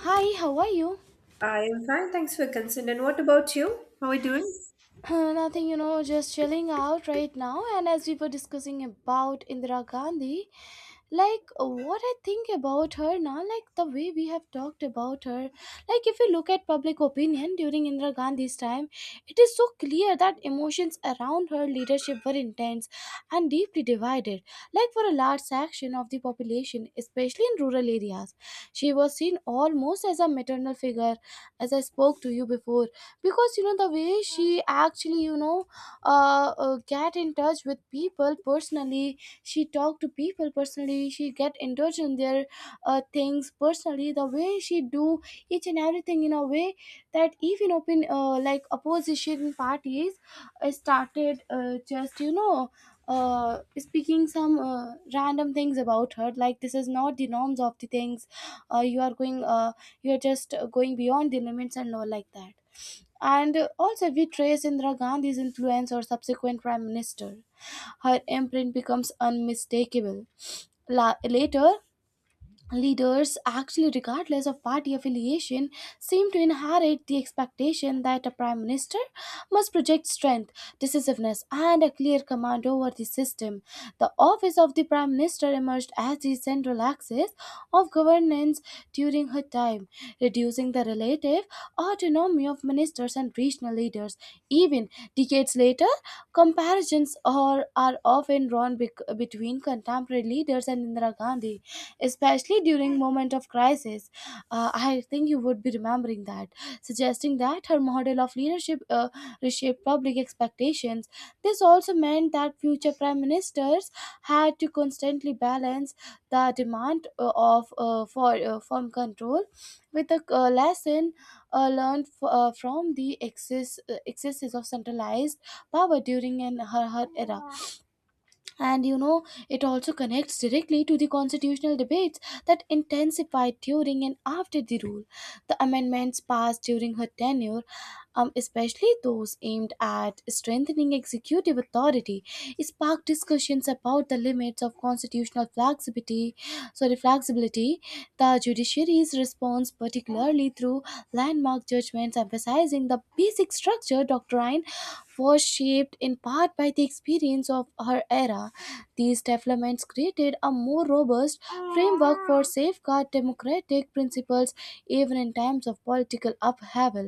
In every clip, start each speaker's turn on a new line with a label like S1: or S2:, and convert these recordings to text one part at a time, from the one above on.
S1: Hi, how are you?
S2: I am fine, thanks for concern. And what about you? How are you doing?
S1: Nothing, just chilling out right now. And as we were discussing about Indira Gandhi, like what I think about her now, like the way we have talked about her, like if you look at public opinion during Indira Gandhi's time, it is so clear that emotions around her leadership were intense and deeply divided. Like for a large section of the population, especially in rural areas, she was seen almost as a maternal figure, as I spoke to you before, because the way she actually, get in touch with people personally, she talk to people personally, she get in touch in their things personally, the way she do each and everything in a way that even open, like opposition parties started just, speaking some random things about her, like this is not the norms of the things. Uh, you are going, you are just going beyond the limits and all like that. And also, we trace Indira Gandhi's influence or subsequent prime minister, her imprint becomes unmistakable. Later, leaders actually, regardless of party affiliation, seem to inherit the expectation that a prime minister must project strength, decisiveness, and a clear command over the system. The office of the prime minister emerged as the central axis of governance during her time, reducing the relative autonomy of ministers and regional leaders even decades later. Comparisons are often drawn between contemporary leaders and Indira Gandhi, especially during moment of crisis. I think you would be remembering that, suggesting that her model of leadership reshaped public expectations. This also meant that future prime ministers had to constantly balance the demand of for firm control, with a lesson learned from the excesses of centralized power during her era. And, it also connects directly to the constitutional debates that intensified during and after the rule. The amendments passed during her tenure, especially those aimed at strengthening executive authority, sparked discussions about the limits of constitutional flexibility. The judiciary's response, particularly through landmark judgments emphasizing the basic structure doctrine, was shaped in part by the experience of her era. These developments created a more robust framework for safeguard democratic principles even in times of political upheaval.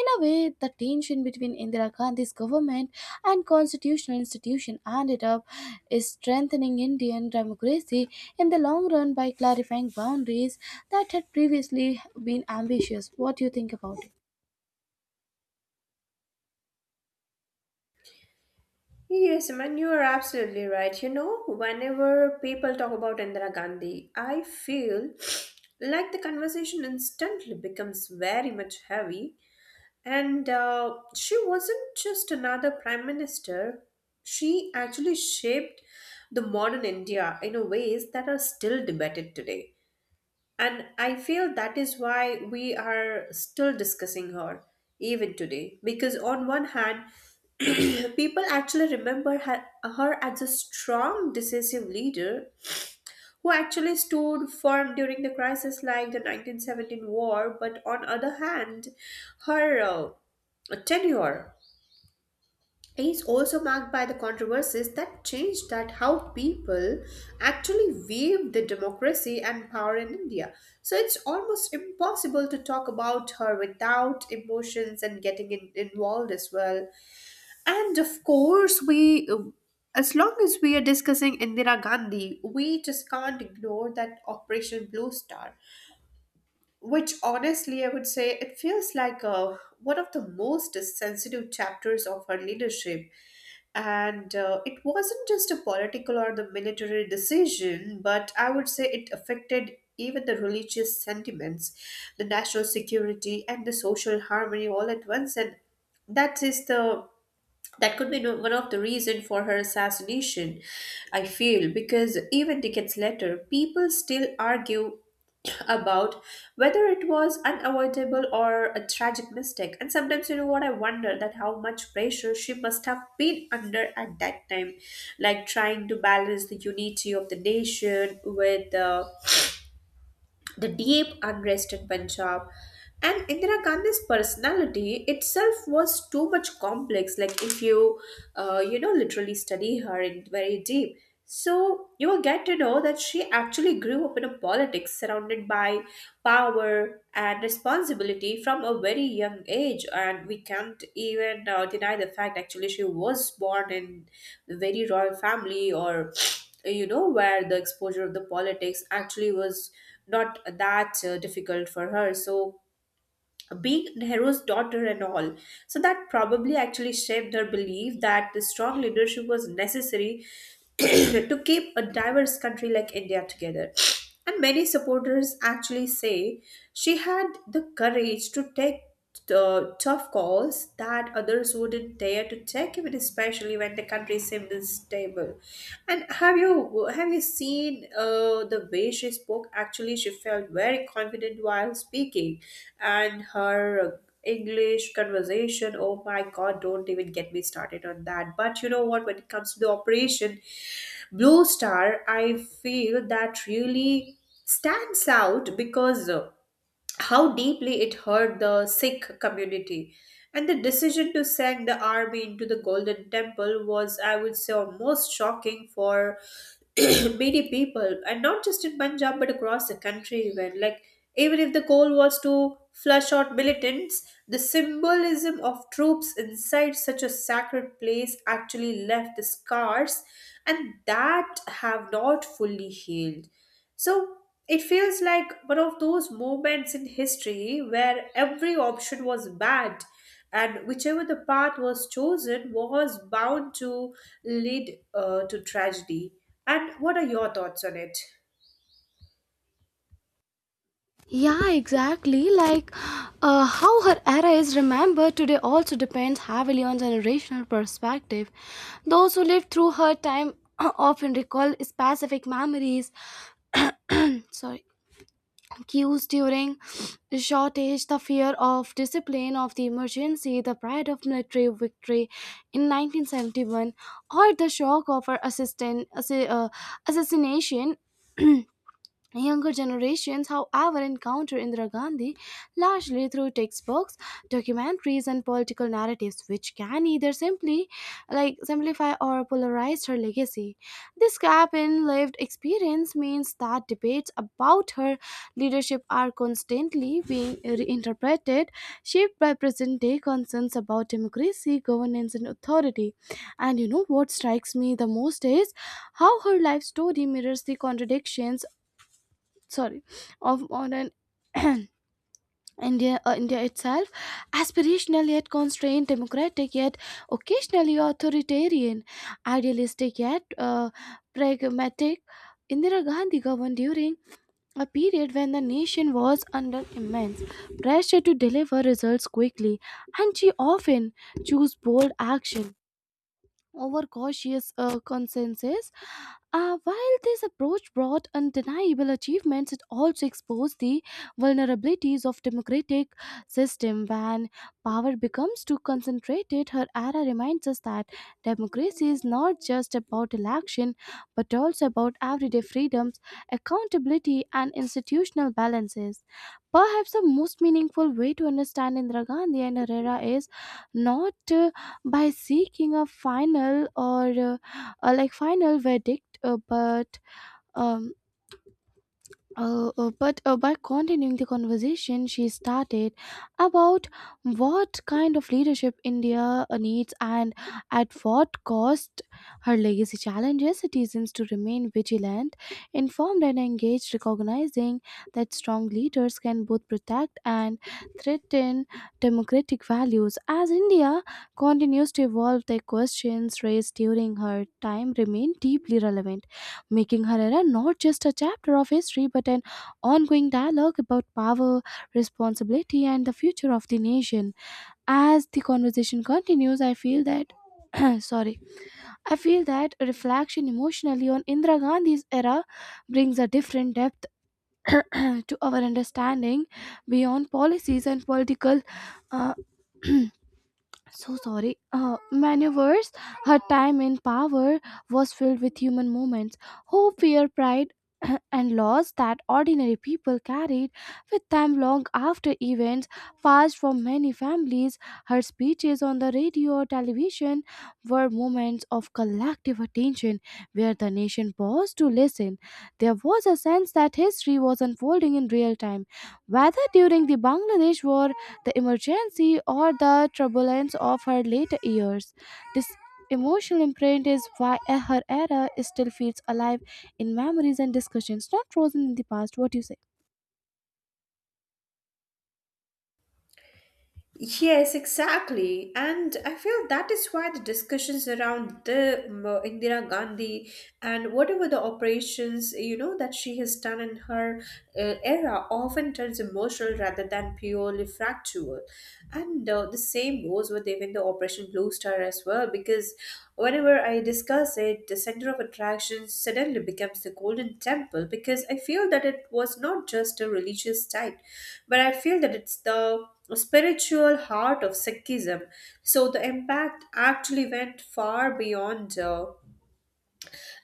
S1: In a way, the tension between Indira Gandhi's government and constitutional institution ended up strengthening Indian democracy in the long run by clarifying boundaries that had previously been ambitious. What do you think about it?
S2: Yes, man, you are absolutely right. You know, whenever people talk about Indira Gandhi, I feel like the conversation instantly becomes very much heavy. And she wasn't just another prime minister, she actually shaped the modern India in a ways that are still debated today. And I feel that is why we are still discussing her even today. Because on one hand, people actually remember her as a strong, decisive leader who actually stood firm during the crisis like the 1917 war. But on other hand, her tenure is also marked by the controversies that changed that how people actually viewed the democracy and power in India, so it's almost impossible to talk about her without emotions and getting involved as well. And of course we as long as we are discussing Indira Gandhi, we just can't ignore that Operation Blue Star, which honestly I would say it feels like one of the most sensitive chapters of her leadership. And it wasn't just a political or the military decision, but I would say it affected even the religious sentiments, the national security, and the social harmony all at once. And that is the that could be one of the reason for her assassination, I feel, because even decades later people still argue about whether it was unavoidable or a tragic mistake. And sometimes, you know what, I wonder that how much pressure she must have been under at that time, like trying to balance the unity of the nation with the deep unrest in Punjab. And Indira Gandhi's personality itself was too much complex. Like if you, You know, literally study her in very deep, so you will get to know that she actually grew up in a politics surrounded by power and responsibility from a very young age. And we can't even deny the fact actually she was born in a very royal family, or you know, where the exposure of the politics actually was not that difficult for her. So, being Nehru's daughter and all, so that probably actually shaped her belief that the strong leadership was necessary to keep a diverse country like India together. And many supporters actually say she had the courage to take tough calls that others wouldn't dare to take, even especially when the country seems stable. And have you seen the way she spoke? Actually, she felt very confident while speaking, and her English conversation. Oh my God! Don't even get me started on that. But you know what? When it comes to the Operation Blue Star, I feel that really stands out because. How deeply it hurt the Sikh community. And the decision to send the army into the Golden Temple was, I would say, almost shocking for many people, and not just in Punjab but across the country, even like even if the goal was to flush out militants, the symbolism of troops inside such a sacred place actually left the scars, and that have not fully healed. So it feels like one of those moments in history where every option was bad, and whichever the path was chosen was bound to lead to tragedy. And what are your thoughts on it?
S1: Yeah, exactly. Like, how her era is remembered today also depends heavily on generational perspective. Those who lived through her time often recall specific sorry, cues during shortage, the fear of discipline, of the emergency, the pride of military victory in 1971, or the shock of her assassination. Younger generations, however, encounter Indira Gandhi largely through textbooks, documentaries, and political narratives, which can either simplify or polarize her legacy. This gap in lived experience means that debates about her leadership are constantly being reinterpreted, shaped by present day concerns about democracy, governance, and authority. And you know what strikes me the most is how her life story mirrors the contradictions sorry of modern India itself, aspirational yet constrained, democratic yet occasionally authoritarian, idealistic yet pragmatic. Indira Gandhi governed during a period when the nation was under immense pressure to deliver results quickly, and she often chose bold action overcautious consensus. While this approach brought undeniable achievements, it also exposed the vulnerabilities of democratic system. When power becomes too concentrated, her era reminds us that democracy is not just about election, but also about everyday freedoms, accountability, and institutional balances. Perhaps the most meaningful way to understand Indira Gandhi and Herrera is not, by seeking a final or like final verdict, um, but by continuing the conversation she started about what kind of leadership India needs and at what cost. Her legacy challenges citizens to remain vigilant, informed, and engaged, recognizing that strong leaders can both protect and threaten democratic values. As India continues to evolve, the questions raised during her time remain deeply relevant, making her era not just a chapter of history but an ongoing dialogue about power, responsibility, and the future of the nation. As the conversation continues, I feel that. Sorry, I feel that a reflection emotionally on Indira Gandhi's era brings a different depth to our understanding beyond policies and political uh, maneuvers. Her time in power was filled with human moments, hope, fear, pride, and loss that ordinary people carried with them long after events passed from many families. Her speeches on the radio or television were moments of collective attention where the nation paused to listen. There was a sense that history was unfolding in real time, whether during the Bangladesh War, the emergency, or the turbulence of her later years. This emotional imprint is why her era still feels alive in memories and discussions, not frozen in the past. What do you say?
S2: Yes, exactly. And I feel that is why the discussions around the Indira Gandhi and whatever the operations, you know, that she has done in her era often turns emotional rather than purely factual. And the same goes with even the Operation Blue Star as well, because whenever I discuss it, the center of attraction suddenly becomes the Golden Temple, because I feel that it was not just a religious site, but I feel that it's the spiritual heart of Sikhism. So the impact actually went far beyond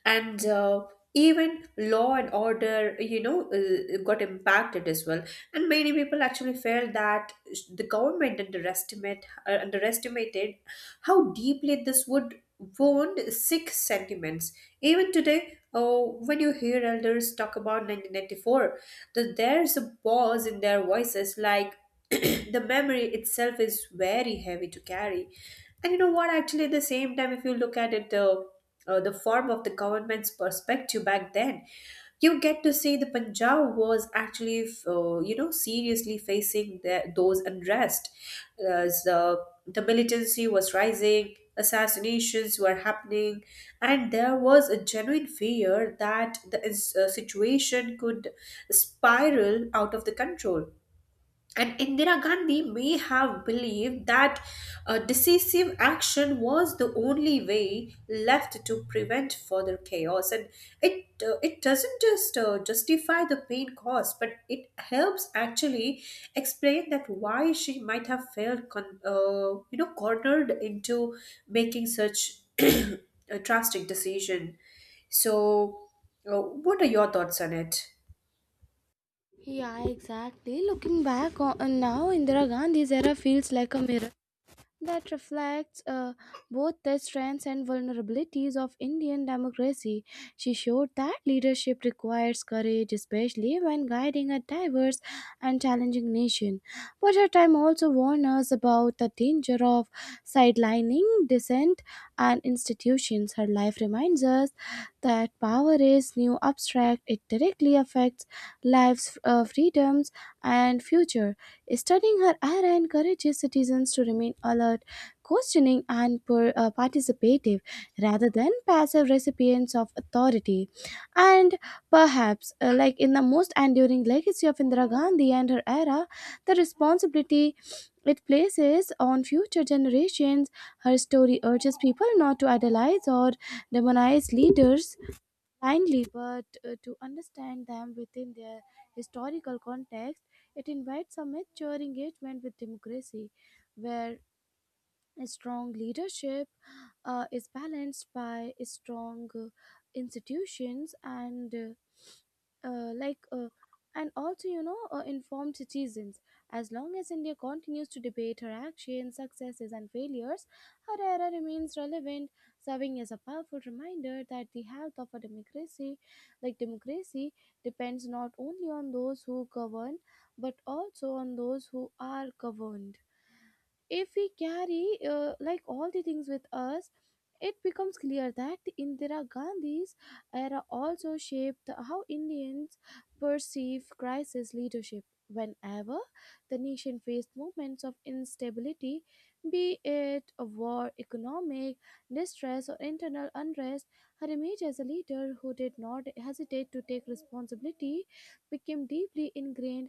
S2: and even law and order, you know, got impacted as well. And many people actually felt that the government underestimated how deeply this would wound Sikh sentiments. Even today, oh, when you hear elders talk about 1994, that there's a pause in their voices, like the memory itself is very heavy to carry. And you know what? Actually, at the same time, if you look at it, the form of the government's perspective back then, you get to see the Punjab was actually, you know, seriously facing those unrest. As The militancy was rising, assassinations were happening, and there was a genuine fear that the situation could spiral out of the control. And Indira Gandhi may have believed that decisive action was the only way left to prevent further chaos. And it doesn't just justify the pain caused, but it helps actually explain that why she might have felt you know, cornered into making such a drastic decision. So, what are your thoughts on it?
S1: Yeah, exactly. Looking back on now, Indira Gandhi's era feels like a mirror that reflects, both the strengths and vulnerabilities of Indian democracy. She showed that leadership requires courage, especially when guiding a diverse and challenging nation. But her time also warned us about the danger of sidelining dissent and institutions. Her life reminds us that power is new abstract, it directly affects lives, freedoms, and future. Studying her era encourages citizens to remain alert, questioning, and participative rather than passive recipients of authority. And perhaps, like in the most enduring legacy of Indira Gandhi and her era, the responsibility it places on future generations, her story urges people not to idolize or demonize leaders blindly, but to understand them within their historical context. It invites a mature engagement with democracy, where a strong leadership is balanced by strong institutions uh, like uh, and also, informed citizens. As long as India continues to debate her actions, successes, and failures, her era remains relevant, serving as a powerful reminder that the health of a democracy, like democracy, depends not only on those who govern but also on those who are governed. If we carry, like, all the things with us, it becomes clear that Indira Gandhi's era also shaped how Indians perceive crisis leadership. Whenever the nation faced moments of instability, be it a war, economic distress, or internal unrest, her image as a leader who did not hesitate to take responsibility became deeply ingrained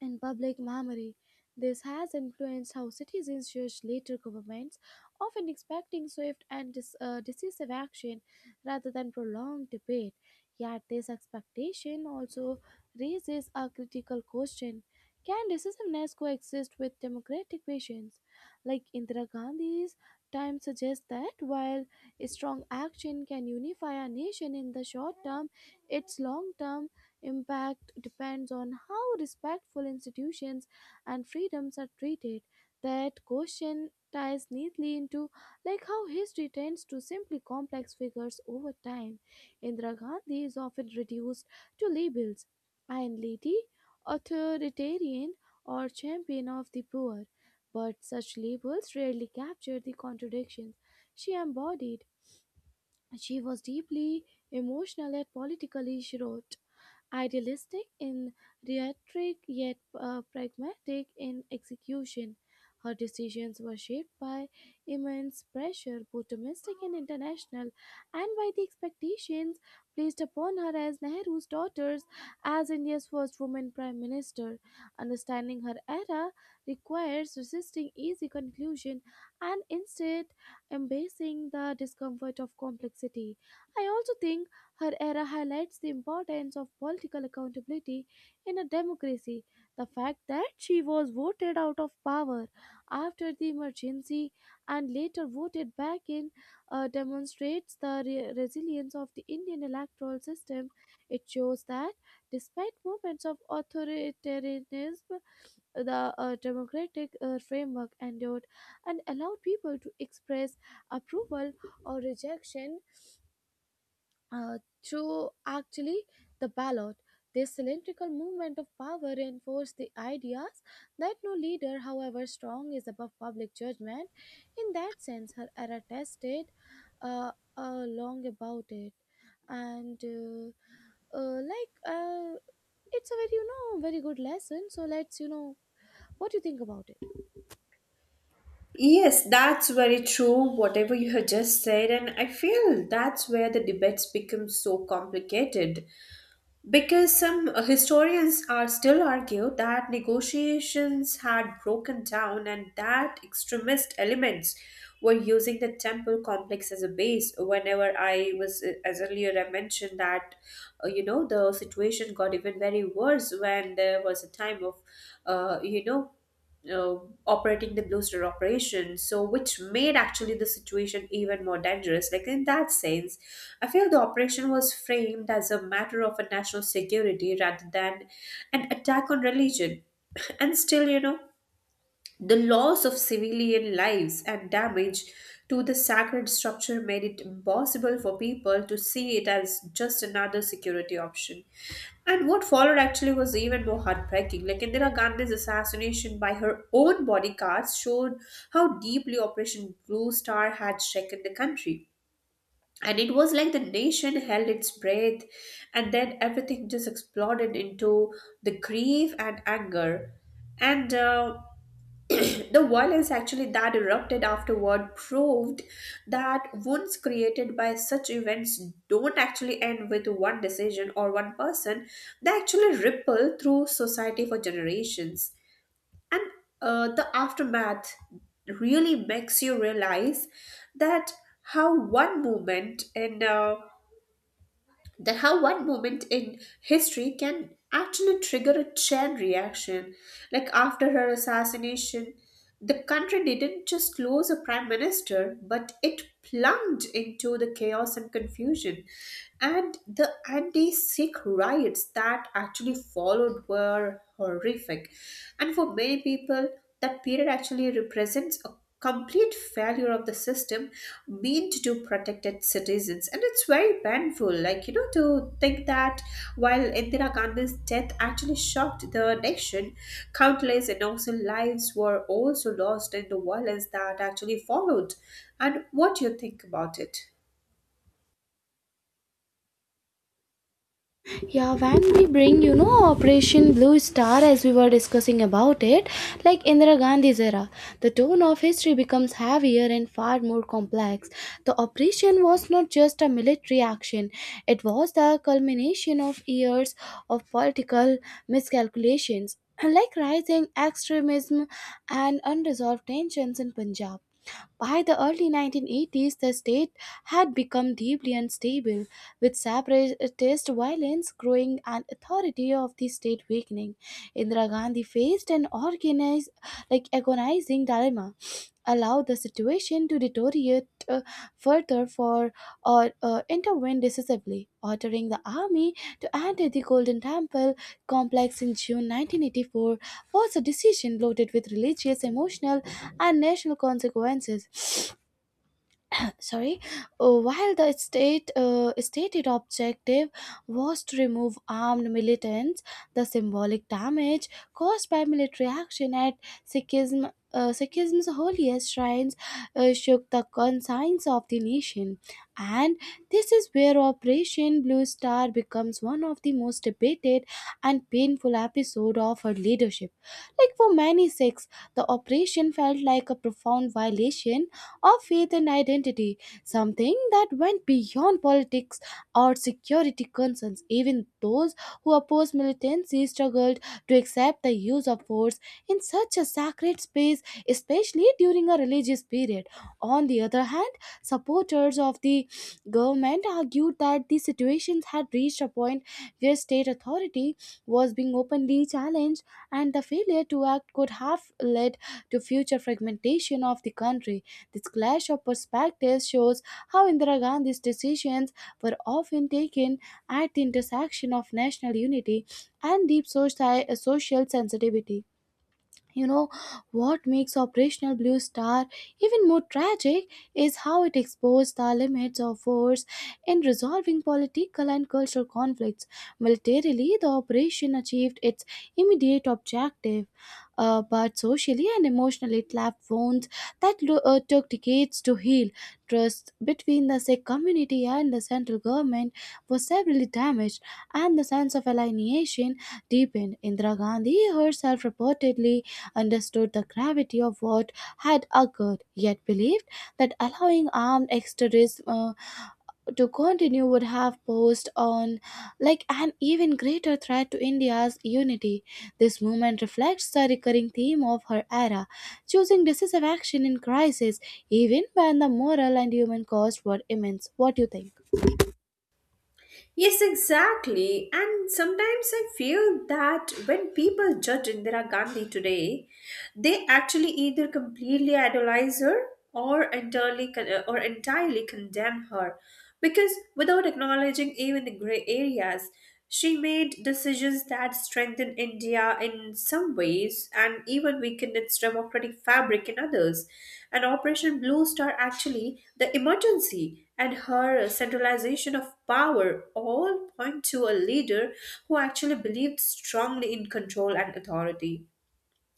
S1: in public memory. This has influenced how citizens judge later governments, often expecting swift and decisive action rather than prolonged debate. Yet, this expectation also raises a critical question. Can decisiveness coexist with democratic visions? Like, Indira Gandhi's time suggests that while strong action can unify a nation in the short term, its long term impact depends on how respectful institutions and freedoms are treated. That question ties neatly into like how history tends to simply complex figures over time. Indira Gandhi is often reduced to labels: iron lady, authoritarian, or champion of the poor. But such labels rarely capture the contradictions she embodied. She was deeply emotional at political issue, idealistic in rhetoric yet pragmatic in execution. Her decisions were shaped by immense pressure, both domestic and international, and by the expectations placed upon her as Nehru's daughter, as India's first woman prime minister. Understanding her era requires resisting easy conclusion and instead embracing the discomfort of complexity. I also think her era highlights the importance of political accountability in a democracy. The fact that she was voted out of power after the emergency and later voted back in demonstrates the resilience of the Indian electoral system. It shows that despite moments of authoritarianism, the democratic framework endured and allowed people to express approval or rejection uh, through actually the ballot. This cylindrical movement of power reinforced the ideas that no leader, however strong, is above public judgment. In that sense, her era tested, uh, long about it, and like, it's a very, very good lesson. So, let's you know what do you think about it.
S2: Yes, that's very true, whatever you have just said. And I feel that's where the debates become so complicated because some historians are still argue that negotiations had broken down and that extremist elements were using the temple complex as a base. Whenever I was, as earlier I mentioned, that you know the situation got even very worse when there was a time of, uh, you know uh, operating the Blue Star operation, so which made actually the situation even more dangerous. Like in that sense, I feel the operation was framed as a matter of a national security rather than an attack on religion. And still, you know, the loss of civilian lives and damage to the sacred structure made it impossible for people to see it as just another security option. And what followed actually was even more heartbreaking. Like Indira Gandhi's assassination by her own bodyguards showed how deeply Operation Blue Star had shaken the country. And it was like the nation held its breath, and then everything just exploded into the grief and anger. And the violence actually that erupted afterward proved that wounds created by such events don't actually end with one decision or one person, they actually ripple through society for generations. And the aftermath really makes you realize that how one movement in uh, that how one moment in history can actually trigger a chain reaction. Like after her assassination, the country didn't just lose a prime minister, but it plunged into the chaos and confusion. And the anti Sikh riots that actually followed were horrific. And for many people, that period actually represents a complete failure of the system meant to protected citizens. And it's very painful, like you know, to think that while Indira Gandhi's death actually shocked the nation, countless innocent lives were also lost in the violence that actually followed. And what do you think about it?
S1: Yeah, when we bring, you know, Operation Blue Star, as we were discussing about it, like Indira Gandhi's era, the tone of history becomes heavier and far more complex. The operation was not just a military action, it was the culmination of years of political miscalculations, like rising extremism and unresolved tensions in Punjab. By the early 1980s, the state had become deeply unstable, with separatist violence growing and authority of the state weakening. Indira Gandhi faced an organized, like agonizing dilemma: allow the situation to deteriorate uh, further, for or intervene decisively, ordering the army to enter the Golden Temple complex in June 1984 was a decision loaded with religious, emotional, and national consequences. Sorry. While the state stated objective was to remove armed militants, the symbolic damage caused by military action at Sikhism's holiest shrines shook the conscience of the nation, and this is where Operation Blue Star becomes one of the most debated and painful episode of her leadership. Like for many Sikhs, the operation felt like a profound violation of faith and identity, something that went beyond politics or security concerns. Even those who opposed militancy struggled to accept the use of force in such a sacred space, especially during a religious period. On the other hand, supporters of the government argued that the situations had reached a point where state authority was being openly challenged and the failure to act could have led to future fragmentation of the country. This clash of perspectives shows how Indira Gandhi's decisions were often taken at the intersection of national unity and deep social sensitivity. You know, what makes Operation Blue Star even more tragic is how it exposed the limits of force in resolving political and cultural conflicts. Militarily, the operation achieved its immediate objective, but socially and emotionally, it left wounds that took decades to heal. Trust between the Sikh community and the central government was severely damaged, and the sense of alienation deepened. Indira Gandhi herself reportedly understood the gravity of what had occurred, yet believed that allowing armed exterrorists to continue would have posed on like an even greater threat to India's unity. This movement reflects the recurring theme of her era, choosing decisive action in crisis, even when the moral and human cost were immense. What do you think?
S2: Yes, exactly. And sometimes I feel that when people judge Indira Gandhi today, they actually either completely idolize her or or entirely condemn her because without acknowledging even the gray areas, she made decisions that strengthened India in some ways and even weakened its democratic fabric in others. And Operation Blue Star, actually, the emergency and her centralization of power all point to a leader who actually believed strongly in control and authority.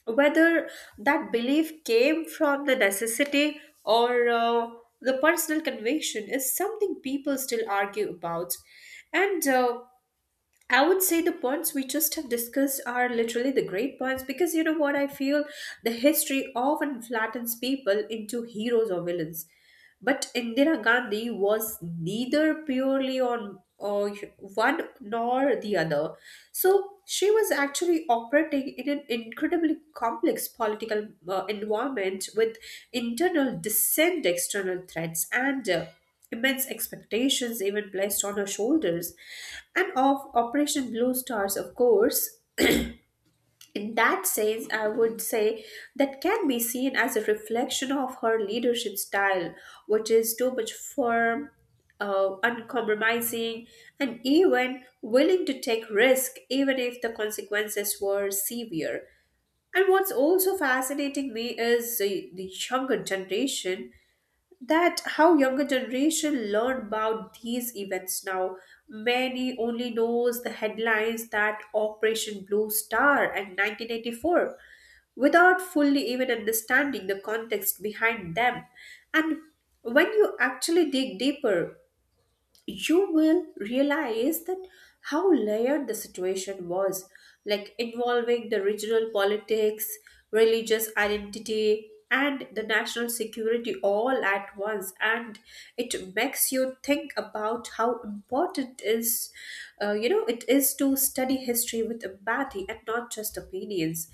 S2: Whether that belief came from the necessity or the personal conviction is something people still argue about. And I would say the points we just have discussed are literally the great points, because you know what I feel, the history often flattens people into heroes or villains. But Indira Gandhi was neither purely on or one nor the other. So she was actually operating in an incredibly complex political environment with internal dissent, external threats, and immense expectations even placed on her shoulders, and of Operation Blue Stars, of course. In that sense, I would say that can be seen as a reflection of her leadership style, which is too much firm, uncompromising, and even willing to take risk, even if the consequences were severe. And what's also fascinating me is the younger generation, that how younger generation learn about these events now, many only knows the headlines that Operation Blue Star and 1984, without fully even understanding the context behind them. And when you actually dig deeper, you will realize that how layered the situation was, like involving the regional politics, religious identity, and the national security all at once. And it makes you think about how important is, you know, it is to study history with empathy and not just opinions.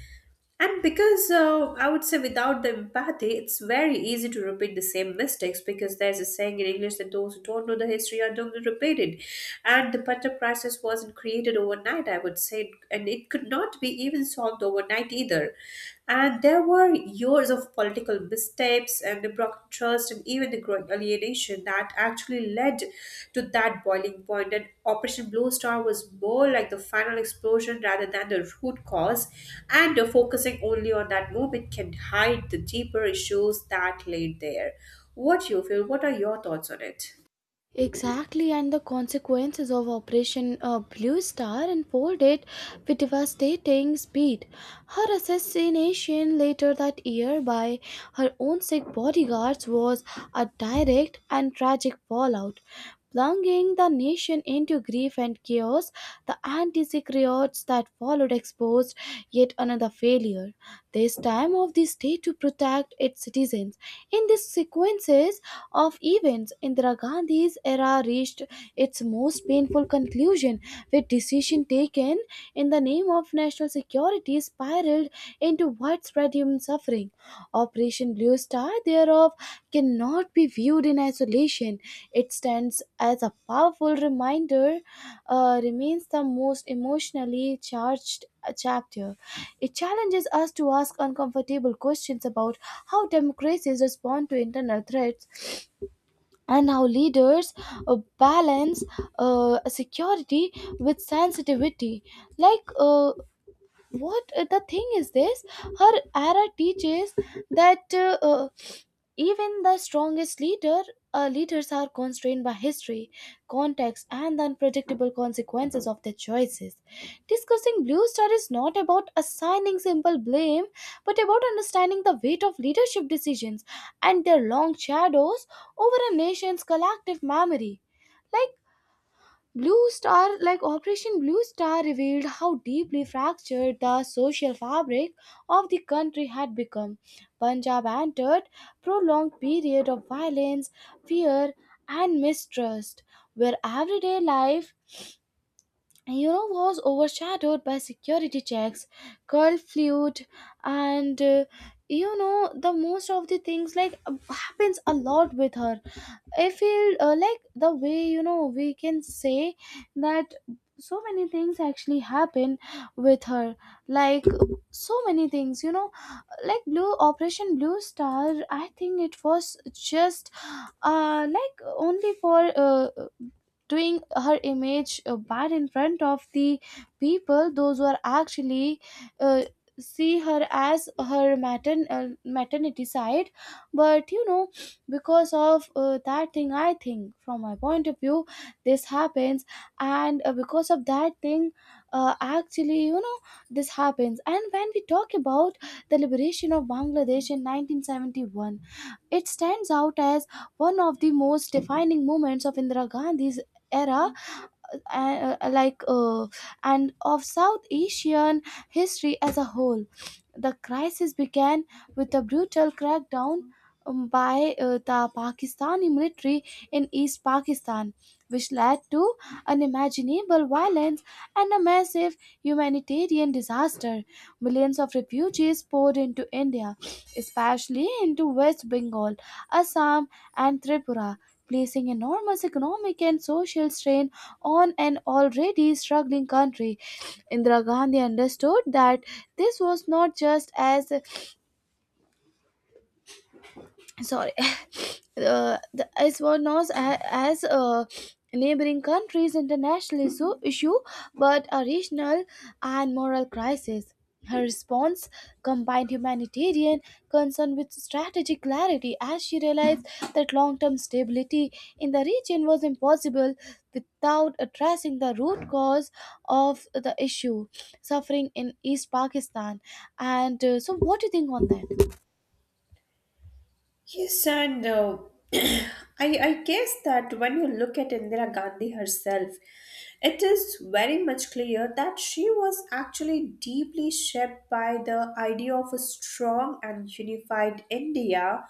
S2: And because I would say without the empathy, it's very easy to repeat the same mistakes, because there's a saying in English that those who don't know the history are doomed to repeat it. And the butter crisis wasn't created overnight, I would say, and it could not be even solved overnight either. And there were years of political mistakes steps and the broken trust and even the growing alienation that actually led to that boiling point. And Operation Blue Star was more like the final explosion rather than the root cause, and focusing only on that moment can hide the deeper issues that laid there. What do you feel? What are your thoughts on it?
S1: Exactly, and the consequences of Operation Blue Star unfolded with devastating speed. Her assassination later that year by her own sick bodyguards was a direct and tragic fallout, plunging the nation into grief and chaos. The anti secrets that followed exposed yet another failure this time of the state to protect its citizens. In these sequences of events, Indira Gandhi's era reached its most painful conclusion, with decisions taken in the name of national security spiraled into widespread human suffering. Operation Blue Star, thereof, cannot be viewed in isolation. It stands as a powerful reminder, remains the most emotionally charged chapter. It challenges us to ask uncomfortable questions about how democracies respond to internal threats and how leaders balance security with sensitivity. Like, what The thing is this. Her era teaches that. Even the strongest leaders are constrained by history, context, and the unpredictable consequences of their choices. Discussing Blue Star is not about assigning simple blame, but about understanding the weight of leadership decisions and their long shadows over a nation's collective memory. Like like Operation Blue Star, revealed how deeply fractured the social fabric of the country had become. Punjab entered prolonged period of violence, fear, and mistrust, where everyday life, you know, was overshadowed by security checks, curfew, and you know, the most of the things like happens a lot with her, I feel, like the way, you know, we can say that so many things actually happen with her, like so many things, you know, like blue operation blue star, I think it was just like only for doing her image bad in front of the people, those who are actually uh, see her as her maternity side. But you know, because of that thing, I think, from my point of view, this happens. And because of that thing, actually, you know, this happens. And when we talk about the liberation of Bangladesh in 1971, it stands out as one of the most defining moments of Indira Gandhi's era, uh, like uh, and of South Asian history as a whole. The crisis began with a brutal crackdown by the Pakistani military in East Pakistan, which led to unimaginable violence and a massive humanitarian disaster. Millions of refugees poured into India, especially into West Bengal, Assam, and Tripura. Placing enormous economic and social strain on an already struggling country. Indira Gandhi understood that this was not just as, sorry, as well known as neighboring countries international issue, but a regional and moral crisis. Her response combined humanitarian concern with strategic clarity, as she realized that long-term stability in the region was impossible without addressing the root cause of the issue: suffering in East Pakistan. And so what do you think on that?
S2: Yes, and I, I guess that when you look at Indira Gandhi herself, it is very much clear that she was actually deeply shaped by the idea of a strong and unified India,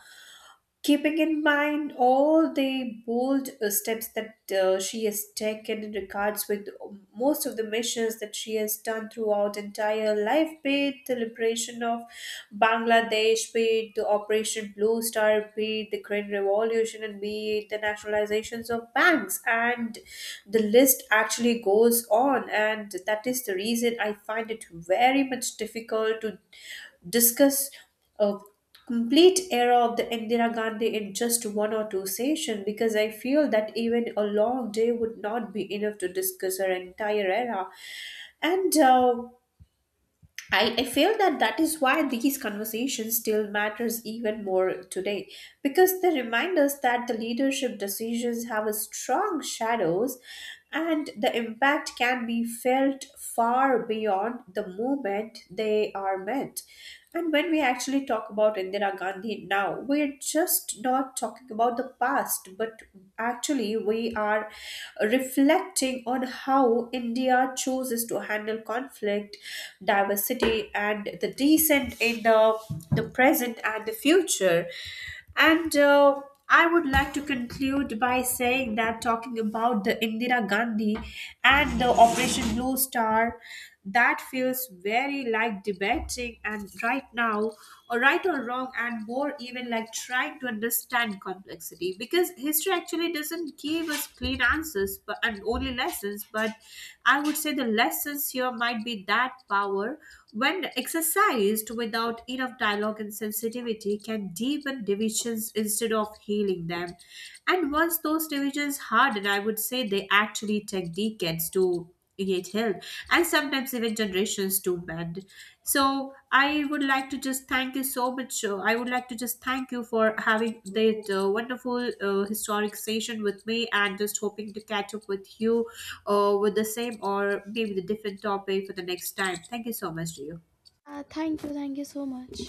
S2: keeping in mind all the bold steps that she has taken in regards with most of the missions that she has done throughout entire life, be it the liberation of Bangladesh, be it the Operation Blue Star, be it the Green Revolution, and be it the nationalizations of banks, and the list actually goes on. And that is the reason I find it very much difficult to discuss uh, complete era of the Indira Gandhi in just 1 or 2 sessions, because I feel that even a long day would not be enough to discuss her entire era. And I feel that that is why these conversations still matters even more today, because they remind us that the leadership decisions have a strong shadows and the impact can be felt far beyond the moment they are meant. And when we actually talk about Indira Gandhi now, we're just not talking about the past, but actually we are reflecting on how India chooses to handle conflict, diversity, and the decent in the present and the future. And I would like to conclude by saying that talking about the Indira Gandhi and the Operation Blue Star, that feels very like debating and right now, or right or wrong, and more even like trying to understand complexity, because history actually doesn't give us clean answers but and only lessons. But I would say the lessons here might be that power, when exercised without enough dialogue and sensitivity, can deepen divisions instead of healing them. And once those divisions harden, I would say they actually take decades to get healed, and sometimes even generations to mend. So I would like to just thank you so much. I would like to just thank you for having that wonderful historic session with me, and just hoping to catch up with you with the same or maybe the different topic for the next time. Thank you so much to you.
S1: Thank you, thank you so much.